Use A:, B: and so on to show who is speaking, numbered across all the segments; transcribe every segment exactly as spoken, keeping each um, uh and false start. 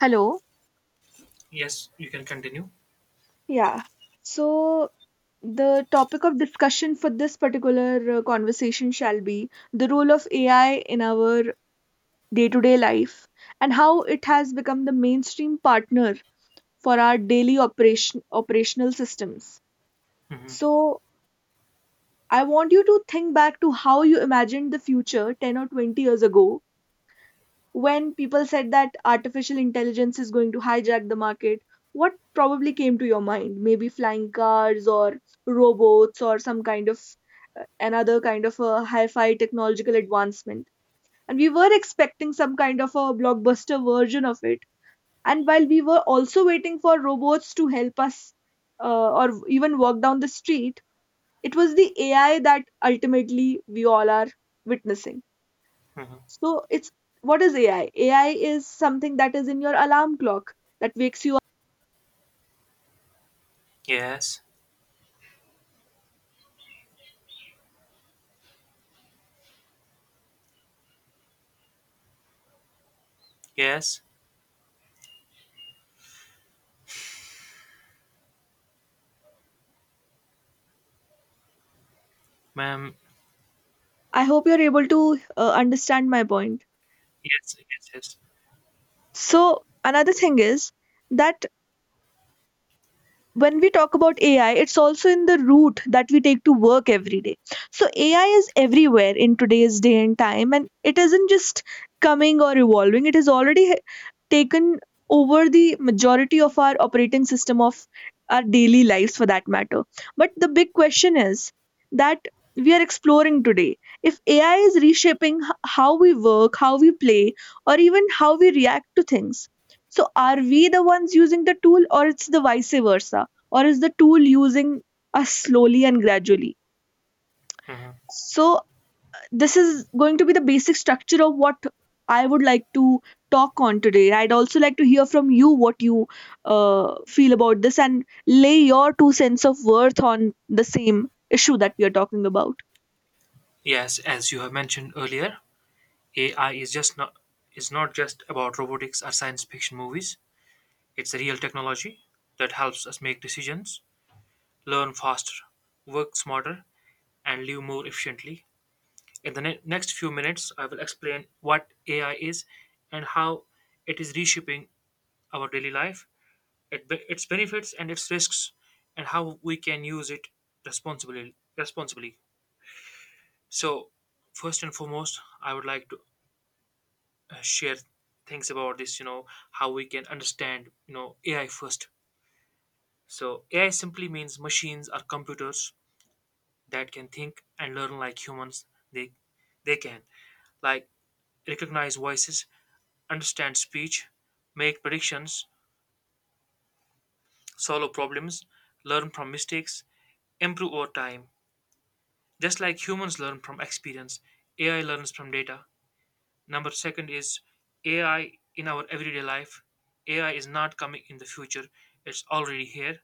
A: Hello.
B: Yes, you can continue.
A: Yeah. So the topic of discussion for this particular uh, conversation shall be the role of A I in our day-to-day life and how it has become the mainstream partner for our daily operation operational systems.
B: Hmm.
A: So I want you to think back to how you imagined the future ten or twenty years ago when people said that artificial intelligence is going to hijack the market. What probably came to your mind? Maybe flying cars or robots or some kind of uh, another kind of a hi fi technological advancement. And we were expecting some kind of a blockbuster version of it. And while we were also waiting for robots to help us uh, or even walk down the street, it was the A I that ultimately we all are witnessing.
B: Hmm.
A: So it's, what is A I? A I is something that is in your alarm clock that wakes you up.
B: Yes, yes, ma'am.
A: I hope you're able to uh, understand my point.
B: Yes, yes, yes.
A: So another thing is that when we talk about A I, it's also in the route that we take to work every day. So A I is everywhere in today's day and time, and it isn't just coming or evolving. It has already h- taken over the majority of our operating system of our daily lives, for that matter. But the big question is that we are exploring today if A I is reshaping h- how we work, how we play, or even how we react to things. So, are we the ones using the tool, or it's the vice versa? Or is the tool using us slowly and gradually?
B: Hmm.
A: So, this is going to be the basic structure of what I would like to talk on today. I'd also like to hear from you what you uh, feel about this and lay your two cents of worth on the same issue that we are talking about.
B: Yes, as you have mentioned earlier, A I is just not is not just about robotics or science fiction movies. It's a real technology that helps us make decisions, learn faster, work smarter, and live more efficiently. In the ne- next few minutes, I will explain what A I is and how it is reshaping our daily life it, be- its benefits and its risks and how we can use it responsibly responsibly So first and foremost, I would like to uh, share things about this you know how we can understand you know AI first. So AI simply means machines or computers that can think and learn like humans. They they can like recognize voices, understand speech, make predictions, solve problems, learn from mistakes, improve over time. Just like humans learn from experience, A I learns from data. Number second is A I in our everyday life. A I is not coming in the future, it's already here.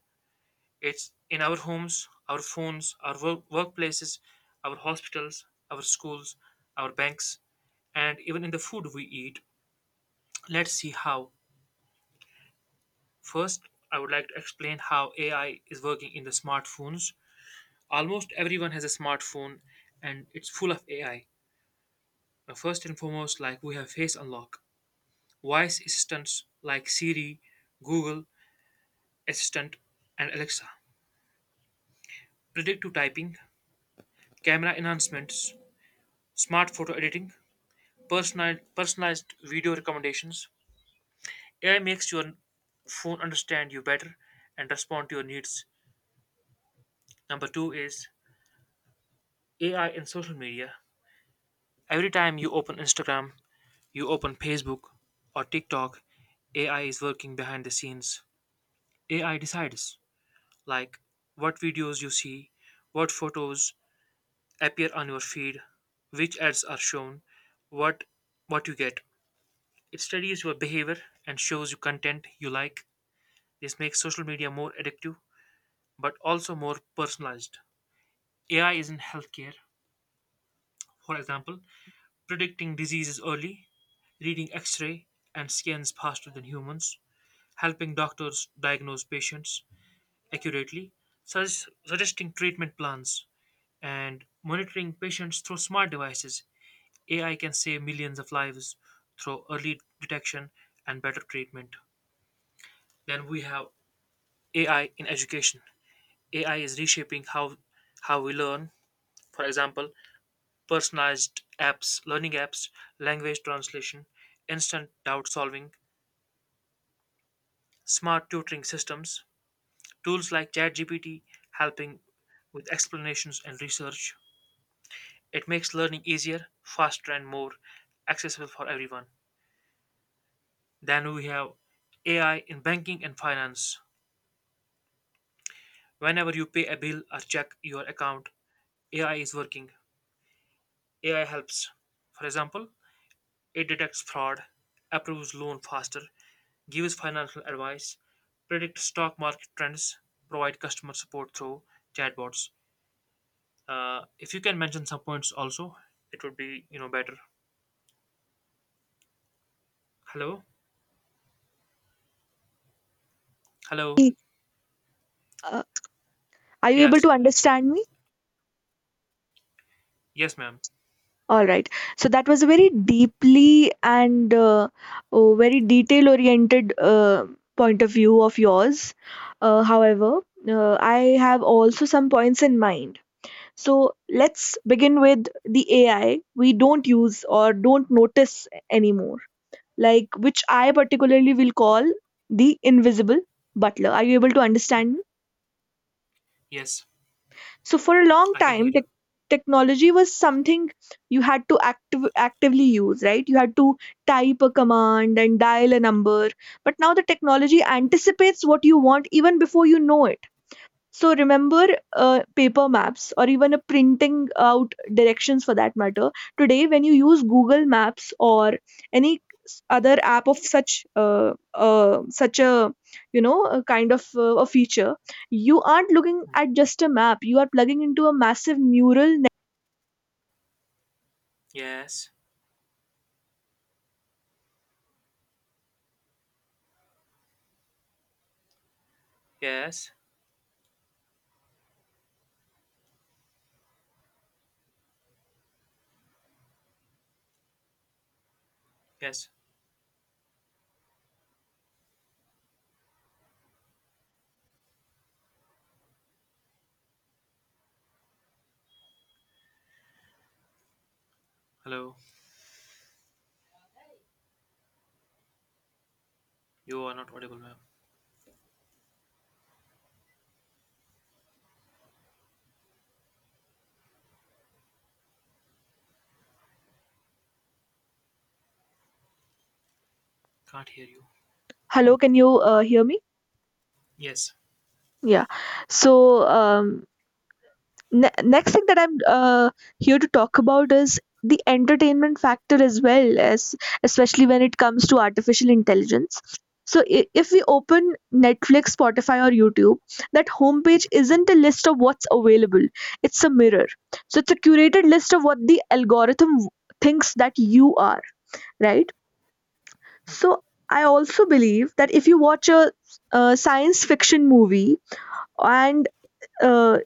B: It's in our homes, our phones, our work- workplaces, our hospitals, our schools, our banks, and even in the food we eat. Let's see how. First, I would like to explain how A I is working in the smartphones. Almost everyone has a smartphone and it's full of A I. Now, first and foremost, like we have Face Unlock, voice assistants like Siri, Google Assistant, and Alexa, predictive typing, camera enhancements, smart photo editing, personal, personalized video recommendations. A I makes your phone understand you better and respond to your needs. Number two is A I in social media. Every time you open Instagram, you open Facebook or TikTok, A I is working behind the scenes. A I decides like what videos you see, what photos appear on your feed, which ads are shown, what what you get. It studies your behavior and shows you content you like. This makes social media more addictive but also more personalized. A I is in healthcare, for example, predicting diseases early, reading x-ray and scans faster than humans, helping doctors diagnose patients accurately, sus- suggesting treatment plans and monitoring patients through smart devices. A I can save millions of lives through early detection and better treatment. Then we have A I in education. A I is reshaping how how we learn. For example, personalized apps, learning apps, language translation, instant doubt solving, smart tutoring systems, tools like ChatGPT helping with explanations and research. It makes learning easier, faster, and more accessible for everyone. Then we have A I in banking and finance. Whenever you pay a bill or check your account, A I is working. A I helps. For example, it detects fraud, approves loan faster, gives financial advice, predicts stock market trends, provide customer support through chatbots. Uh, if you can mention some points also, it would be you know better. Hello, hello.
A: Uh, are you able
B: Yes,
A: to understand me?
B: yes, ma'am.
A: All right. So that was a very deeply and uh, oh, very detail oriented uh, point of view of yours. Uh, however, uh, I have also some points in mind. So let's begin with the A I we don't use or don't notice anymore, like which I particularly will call the invisible butler. Are you able to understand me?
B: Yes,
A: So for a long
B: I can hear
A: time, tech
B: you.
A: technology was something you had to active actively use, right? You had to type a command and dial a number. But now the technology anticipates what you want even before you know it. So remember uh, paper maps or even a printing out directions for that matter. Today, when you use Google Maps or any other app of such uh, uh, such a you know a kind of uh, a feature, you aren't looking at just a map. You are plugging into a massive neural. Net-
B: Yes, yes, yes. Hello. You are not audible, ma'am. Can't hear you.
A: Hello, can you uh, hear me?
B: Yes.
A: Yeah. So um, ne- next thing that I'm uh, here to talk about is the entertainment factor, as well as especially when it comes to artificial intelligence. So i- if we open Netflix, Spotify, or YouTube, that homepage isn't a list of what's available, it's a mirror. So it's a curated list of what the algorithm w- thinks that you are, right? So
B: Mm-hmm.
A: I also believe that if you watch a uh, science fiction movie and uh,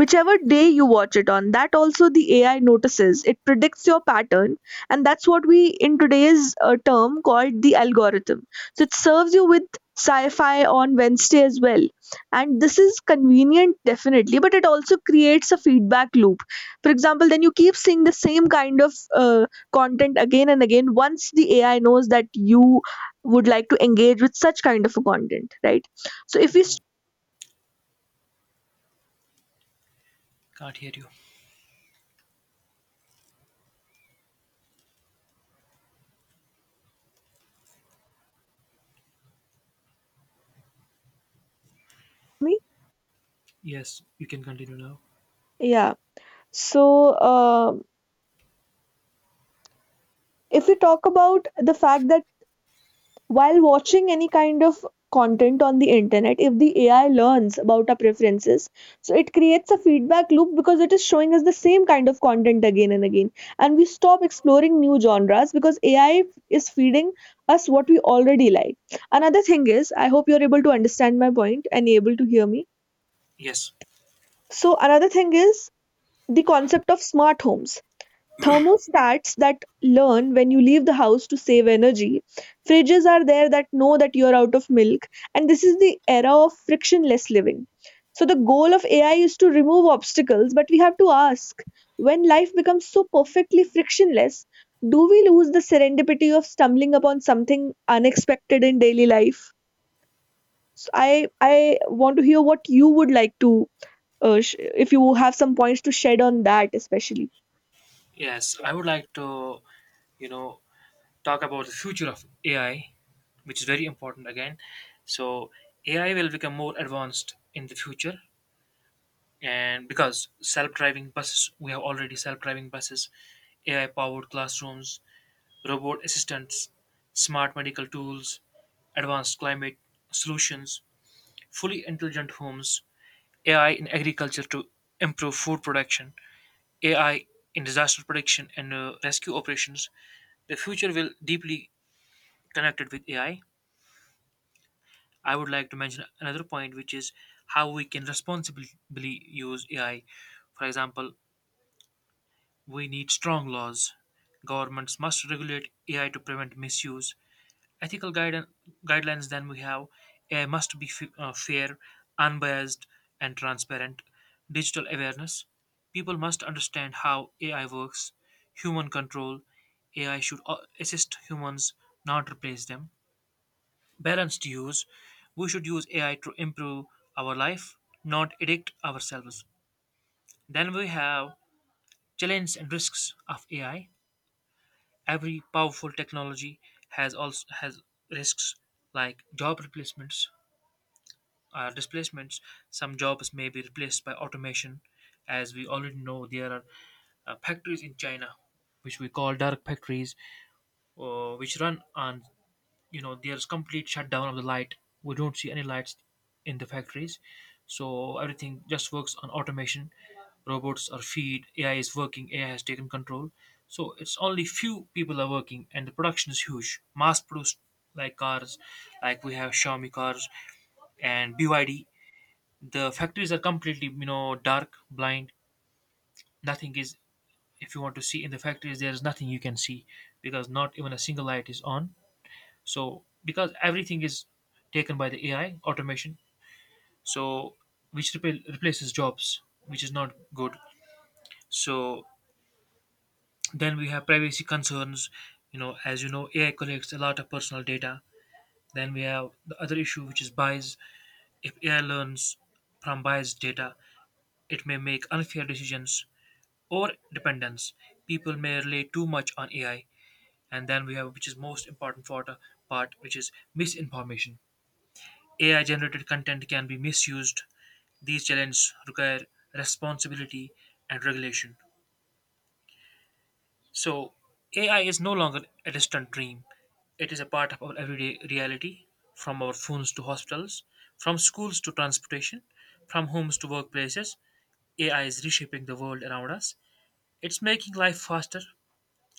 A: whichever day you watch it on, that also the AI notices. It predicts your pattern, and that's what we in today's uh, term called the algorithm. So it serves you with sci-fi on Wednesday as well. And this is convenient, definitely, but it also creates a feedback loop. For example, then you keep seeing the same kind of uh, content again and again once the AI knows that you would like to engage with such kind of a content, right? So if
B: Hmm.
A: we
B: Mhm. Can't hear you.
A: me
B: Yes, you can continue now.
A: yeah so uh, if we talk about the fact that while watching any kind of content on the internet, if the AI learns about our preferences, so it creates a feedback loop because it is showing us the same kind of content again and again, and we stop exploring new genres, because AI is feeding us what we already like. Another thing is, I hope you're able to understand my point and able to hear me.
B: Yes.
A: So another thing is the concept of smart homes. Thermostats that learn when you leave the house to save energy, fridges are there that know that you're out of milk, and this is the era of frictionless living. So the goal of AI is to remove obstacles, but we have to ask, when life becomes so perfectly frictionless, do we lose the serendipity of stumbling upon something unexpected in daily life? So i i want to hear what you would like to uh, sh- if you have some points to shed on that especially.
B: Yes, I would like to, you know, talk about the future of A I, which is very important again. So, A I will become more advanced in the future and because self-driving buses, we have already self-driving buses, A I-powered classrooms, robot assistants, smart medical tools, advanced climate solutions, fully intelligent homes, A I in agriculture to improve food production, A I in disaster prediction and uh, rescue operations. The future will deeply connected with A I. I I would like to mention another point, which is how we can responsibly use A I. For example, we need strong laws. Governments must regulate A I to prevent misuse. Ethical guidance guidelines, then we have uh, must be f- uh, fair, unbiased, and transparent. Digital awareness. People must understand how A I works. Human control. A I should uh, assist humans, not replace them. Balanced use. We should use A I to improve our life, not addict ourselves. Then we have challenges and risks of A I. Every powerful technology has also has risks like job replacements, uh, displacements. Some jobs may be replaced by automation. As we already know, there are uh, factories in China, which we call dark factories, uh, which run on, you know, there's complete shutdown of the light. We don't see any lights in the factories. So everything just works on automation. Robots are feed, A I is working, A I has taken control. So it's only few people are working and the production is huge. Mass produced like cars, like we have Xiaomi cars and B Y D. The factories are completely you know dark blind, nothing is, if you want to see in the factories there is nothing you can see, because not even a single light is on. So because everything is taken by the AI automation, so which repl- replaces jobs, which is not good. So then we have privacy concerns. You know, as you know AI collects a lot of personal data. Then we have the other issue, which is bias. If AI learns from biased data, it may make unfair decisions. Or dependence. People may rely too much on A I, and then we have, which is most important for the part, which is misinformation. A I generated content can be misused. These challenges require responsibility and regulation. So, A I is no longer a distant dream. It is a part of our everyday reality, from our phones to hospitals, from schools to transportation, from homes to workplaces. A I is reshaping the world around us. It's making life faster,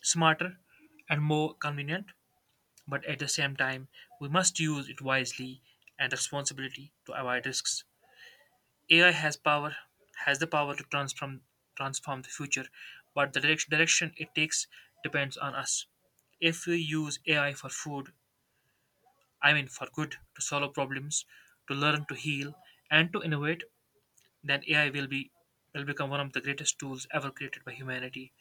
B: smarter and more convenient, but at the same time, we must use it wisely and responsibility to avoid risks. A I has power has the power to transform transform the future, but the direct- direction it takes depends on us. If we use A I for food, I mean for good, to solve problems, to learn, to heal, and to innovate, then A I will be will become one of the greatest tools ever created by humanity.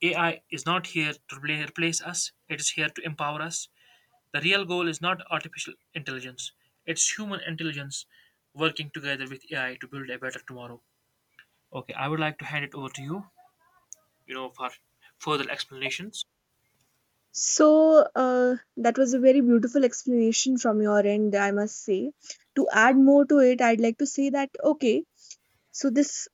B: A I is not here to repla- replace us; it is here to empower us. The real goal is not artificial intelligence, it's human intelligence working together with A I to build a better tomorrow. Okay, I would like to hand it over to you, you know, for further explanations.
A: So, uh, that was a very beautiful explanation from your end, I must say. To add more to it, I'd like to say that, okay, so this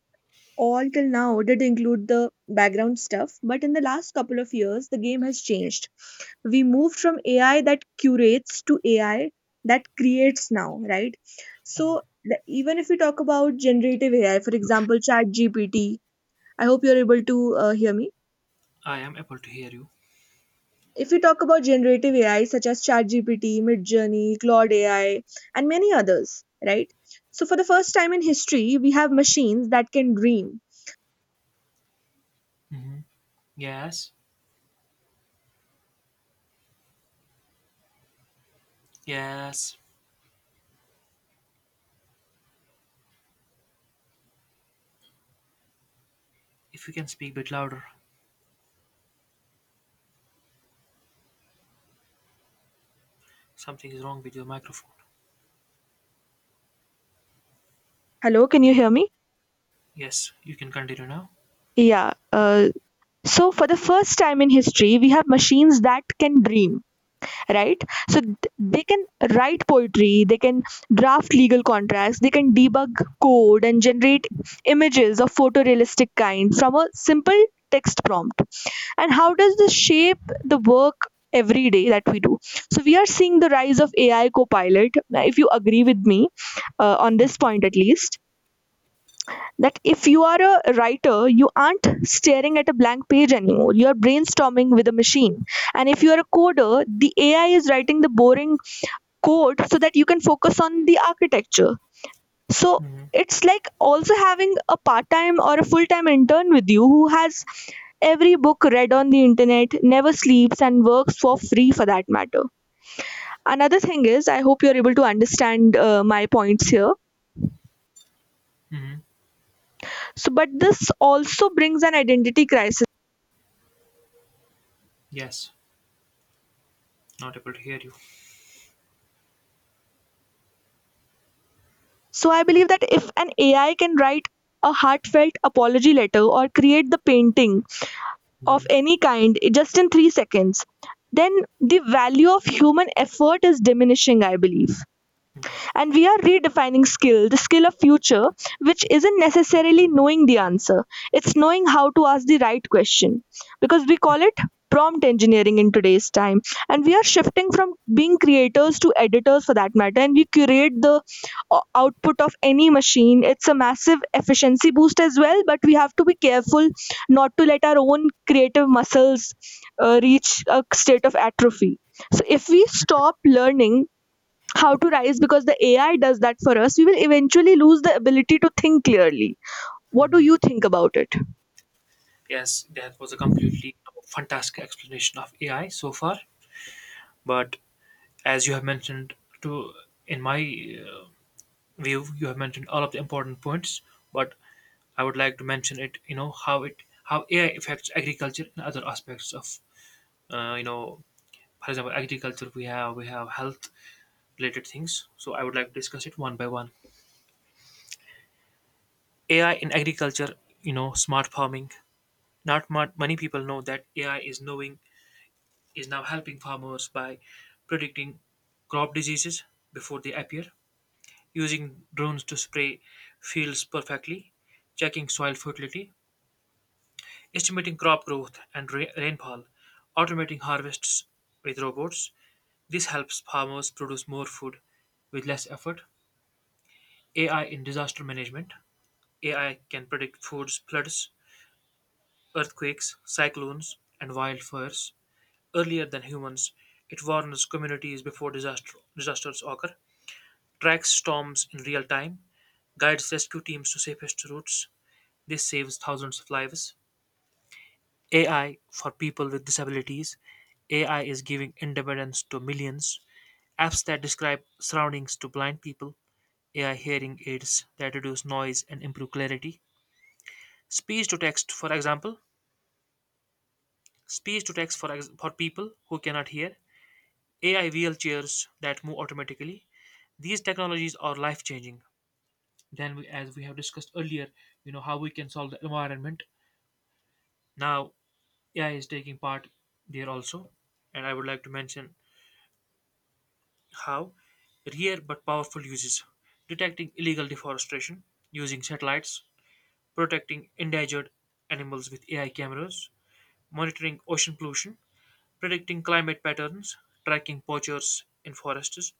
A: all till now did include the background stuff, but in the last couple of years, the game has changed. We moved from A I that curates to A I that creates now, right? So, the, even if we talk about generative A I, for example, ChatGPT, I hope you're able to uh, hear me.
B: I am able to hear you.
A: If we talk about generative A I such as ChatGPT, Midjourney, Claude A I, and many others, right? So for the first time in history, we have machines that can dream.
B: Hmm. Yes, yes. If you can speak a bit louder, something is wrong with your microphone.
A: Hello, can you hear me?
B: Yes, you can continue now.
A: Yeah. Uh, so for the first time in history, we have machines that can dream, right? So th- they can write poetry, they can draft legal contracts, they can debug code, and generate images of photorealistic kind from a simple text prompt. And how does this shape the work every day that we do? So we are seeing the rise of AI copilot. Now, if you agree with me uh, on this point at least, that if you are a writer, you aren't staring at a blank page anymore, you are brainstorming with a machine. And if you are a coder, the AI is writing the boring code so that you can focus on the architecture. So
B: Hmm.
A: it's like also having a part time or a full time intern with you who has every book read on the internet, never sleeps, and works for free for that matter. Another thing is, I hope you're able to understand uh, my points here.
B: Hmm.
A: So, but this also brings an identity crisis.
B: Yes, not able to hear you.
A: So, I believe that if an A I can write a heartfelt apology letter or create the painting
B: Hmm.
A: of any kind just in three seconds, then the value of human effort is diminishing, I believe. And we are redefining skill, the skill of future, which isn't necessarily knowing the answer, it's knowing how to ask the right question, because we call it prompt engineering in today's time. And we are shifting from being creators to editors for that matter, and we curate the o- output of any machine. It's a massive efficiency boost as well, but we have to be careful not to let our own creative muscles uh, reach a state of atrophy. So if we stop learning how to rise because the A I does that for us, we will eventually lose the ability to think clearly. What do you think about it?
B: Yes, that was a completely fantastic explanation of A I so far. But as you have mentioned to in my uh, view you have mentioned all of the important points, but I would like to mention it, you know, how it how AI affects agriculture and other aspects of uh, you know, for example agriculture, we have we have health related things. So I would like to discuss it one by one. AI in agriculture, you know, smart farming. Not mu- many people know that ai is knowing is now helping farmers by predicting crop diseases before they appear, using drones to spray fields perfectly, checking soil fertility, estimating crop growth and ra- rainfall, automating harvests with robots. This helps farmers produce more food with less effort. A I in disaster management. A I can predict floods, floods, earthquakes, cyclones, and wildfires earlier than humans. It warns communities before disaster, disasters occur, tracks storms in real time, guides rescue teams to safest routes. This saves thousands of lives. A I for people with disabilities. A I is giving independence to millions. Apps that describe surroundings to blind people. A I hearing aids that reduce noise and improve clarity. Speech to text, for example. Speech to text for, ex- for people who cannot hear. A I wheelchairs that move automatically. These technologies are life changing. Then we, as we have discussed earlier, you know, how we can solve the environment. Now A I is taking part there also, and I would like to mention how rare but powerful uses, detecting illegal deforestation using satellites, protecting endangered animals with A I cameras, monitoring ocean pollution, predicting climate patterns, tracking poachers in forests.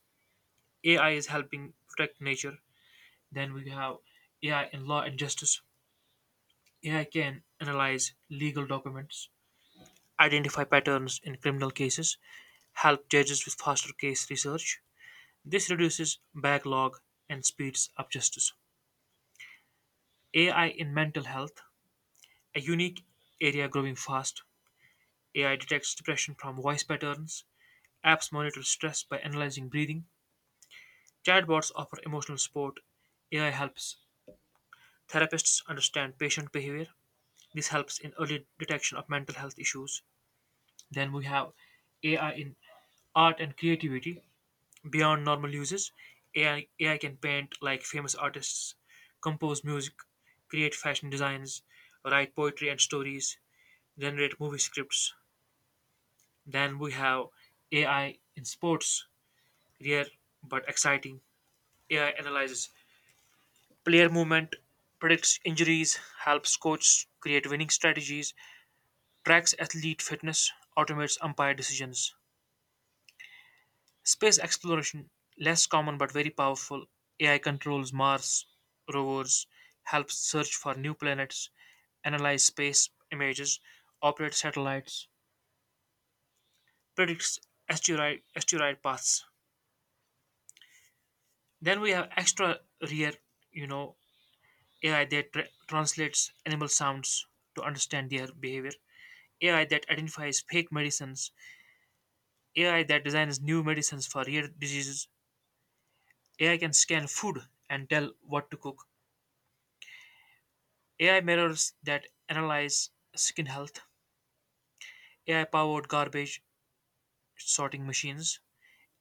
B: A I is helping protect nature. Then we have A I in law and justice. A I can analyze legal documents, identify patterns in criminal cases, help judges with faster case research. This reduces backlog and speeds up justice. A I in mental health, a unique area growing fast. A I detects depression from voice patterns. Apps monitor stress by analyzing breathing. Chatbots offer emotional support. A I helps therapists understand patient behavior. This helps in early detection of mental health issues. Then we have A I in art and creativity. Beyond normal uses, AI, A I can paint like famous artists, compose music, create fashion designs, write poetry and stories, generate movie scripts. Then we have A I in sports, rare but exciting. A I analyzes player movement, predicts injuries, helps coaches create winning strategies, tracks athlete fitness, automates umpire decisions. Space exploration, less common but very powerful. A I controls Mars rovers, helps search for new planets, analyze space images, operate satellites, predicts asteroid, asteroid paths. Then we have extra rare, you know, A I that tra- translates animal sounds to understand their behavior. A I that identifies fake medicines, A I that designs new medicines for rare diseases. A I can scan food and tell what to cook. A I mirrors that analyze skin health, A I powered garbage sorting machines,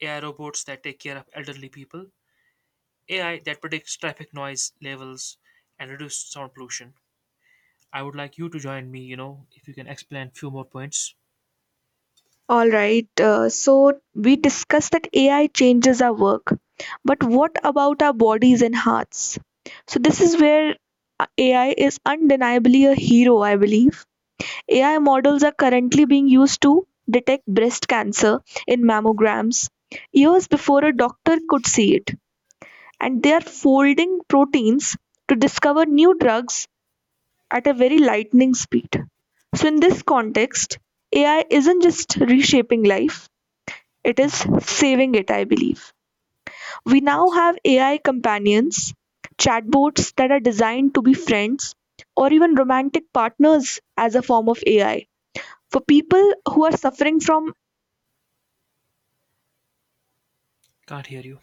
B: A I robots that take care of elderly people, A I that predicts traffic noise levels and reduce sound pollution. I would like you to join me, you know, if you can explain few more points.
A: All right, uh, so we discussed that A I changes our work, but what about our bodies and hearts? So, this is where uh, A I is undeniably a hero, I believe. A I models are currently being used to detect breast cancer in mammograms years before a doctor could see it. And they are folding proteins to discover new drugs at a very lightning speed. So, in this context, A I isn't just reshaping life, it is
B: Mhm.
A: saving it, I believe. We now
B: Yes.
A: have A I companions, chatbots that are designed to be friends or even romantic partners as a form of A I. For people who are suffering from
B: Can't hear you.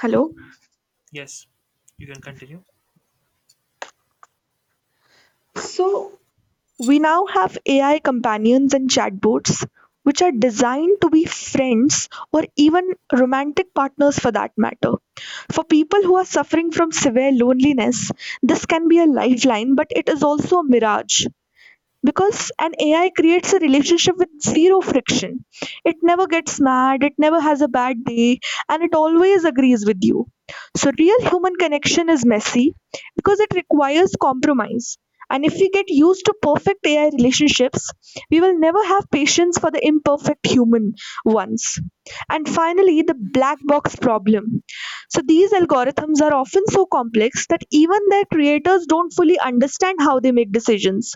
A: Hello.
B: Yes. You can continue.
A: So we now have A I companions and chatbots, which are designed to be friends or even romantic partners for that matter. For people who are suffering from severe loneliness, this can be a lifeline, but it is also a mirage. Because an AI creates a relationship with zero friction, it never gets mad, it never has a bad day, and it always agrees with you. So real human connection is messy because it requires compromise. And if we get used to perfect AI relationships, we will never have patience for the imperfect human ones. And finally, the black box problem. So these algorithms are often so complex that even their creators don't fully understand how they make decisions.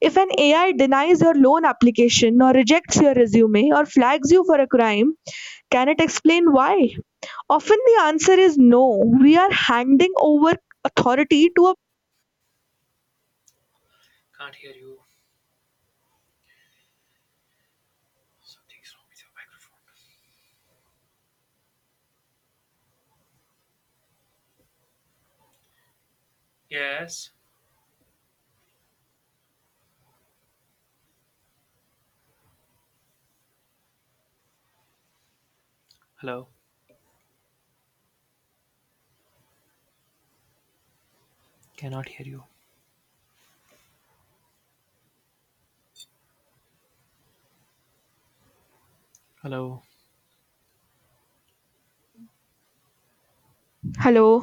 A: If an A I denies your loan application or rejects your resume or flags you for a crime, can it explain why? Often the answer is no. We are handing over authority to a
B: Can't hear you. Something's wrong with your microphone. Yes. Hello. Cannot hear you. Hello.
A: hello.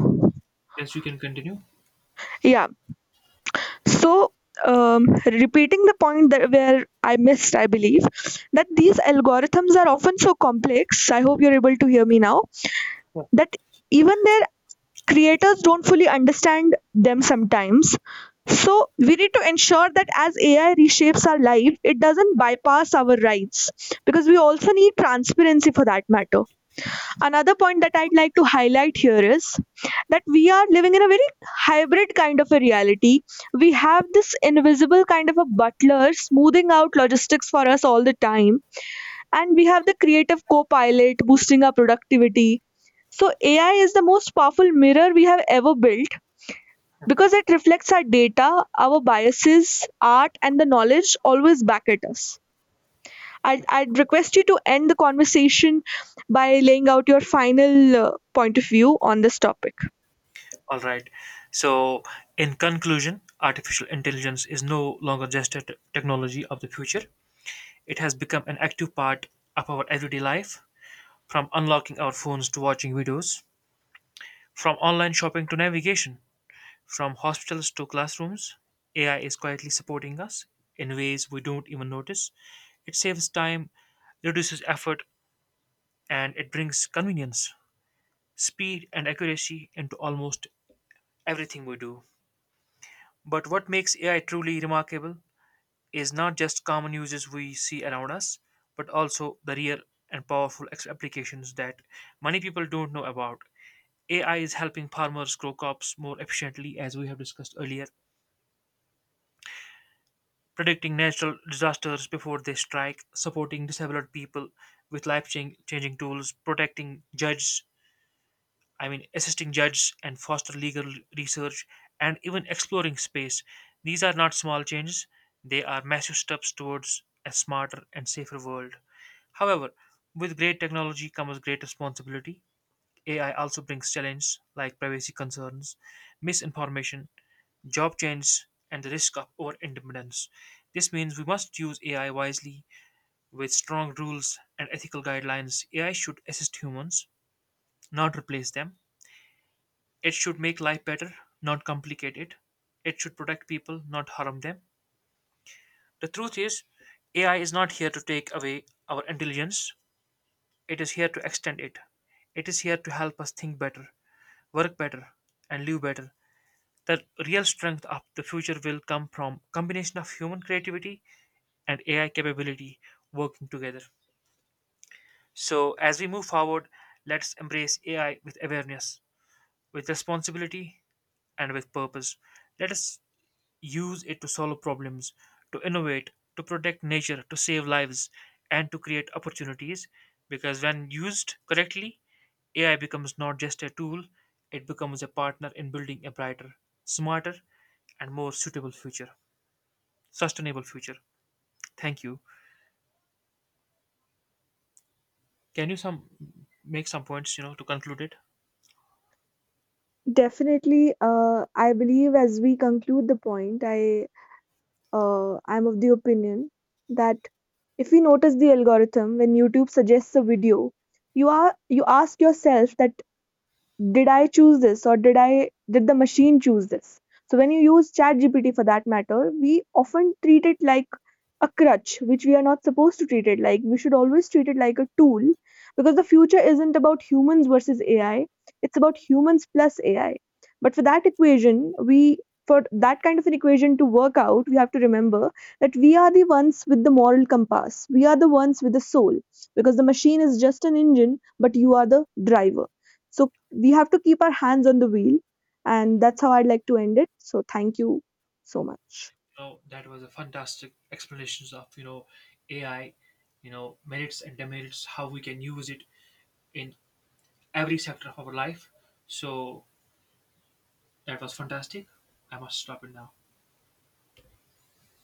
B: Yes, you can continue.
A: Yeah. So um, repeating the point that where I missed, I believe, that these algorithms are often so complex. I hope you're able to hear me now. That even their creators don't fully understand them sometimes. So we need to ensure that as A I reshapes our life, it doesn't bypass our rights, because we also need transparency for that matter. Another point that I'd like to highlight here is that we are living in a very hybrid kind of a reality. We have this invisible kind of a butler smoothing out logistics for us all the time, and we have the creative co pilot boosting our productivity. So, A I is the most powerful mirror we have ever built, because it reflects our data, our biases, art, and the knowledge always back at us. I'd, I'd request you to end the conversation by laying out your final uh, point of view on this topic.
B: All right. So, in conclusion, artificial intelligence is no longer just a t- technology of the future. It has become an active part of our everyday life, from unlocking our phones to watching videos, from online shopping to navigation, from hospitals to classrooms. A I is quietly supporting us in ways we don't even notice. It saves time, reduces effort, and it brings convenience, speed, and accuracy into almost everything we do. But what makes A I truly remarkable is not just common uses we see around us, but also the real and powerful ex- applications that many people don't know about. A I is helping farmers grow crops more efficiently, as we have discussed earlier, predicting natural disasters before they strike, supporting disabled people with life chang- changing tools, protecting judges I mean, assisting judges and foster legal research and even exploring space. These are not small changes, they are massive steps towards a smarter and safer world. However, with great technology comes great responsibility. A I also brings challenges like privacy concerns, misinformation, job change, and the risk of over independence. This means we must use A I wisely with strong rules and ethical guidelines. A I should assist humans, not replace them. It should make life better, not complicate it. It should protect people, not harm them. The truth is, A I is not here to take away our intelligence, it is here to extend it. It is here to help us think better, work better, and live better. The real strength of the future will come from combination of human creativity and A I capability working together. So as we move forward, let's embrace A I with awareness, with responsibility, and with purpose. Let us use it to solve problems, to innovate, to protect nature, to save lives, and to create opportunities. Because when used correctly, A I becomes not just a tool, it becomes a partner in building a brighter, smarter, and more suitable future, sustainable future. Thank you. Can you some make some points, you know, to conclude it?
A: Definitely, uh, I believe as we conclude the point, I uh, I'm of the opinion that if we notice the algorithm when YouTube suggests a video, you are you ask yourself that, did I choose this, or did I did the machine choose this? So when you use ChatGPT for that matter, we often treat it like a crutch, which we are not supposed to treat it like. We should always treat it like a tool, because the future isn't about humans versus A I, it's about humans plus A I. But for that equation, we for that kind of an equation to work out, we have to remember that we are the ones with the moral compass. We are the ones with the soul, because the machine is just an engine, but you are the driver. So we have to keep our hands on the wheel. And that's how I'd like to end it. So thank you so much.
B: No, that was a fantastic explanations of you know A I, you know merits and demerits, how we can use it in every sector of our life. So that was fantastic. I must stop it now.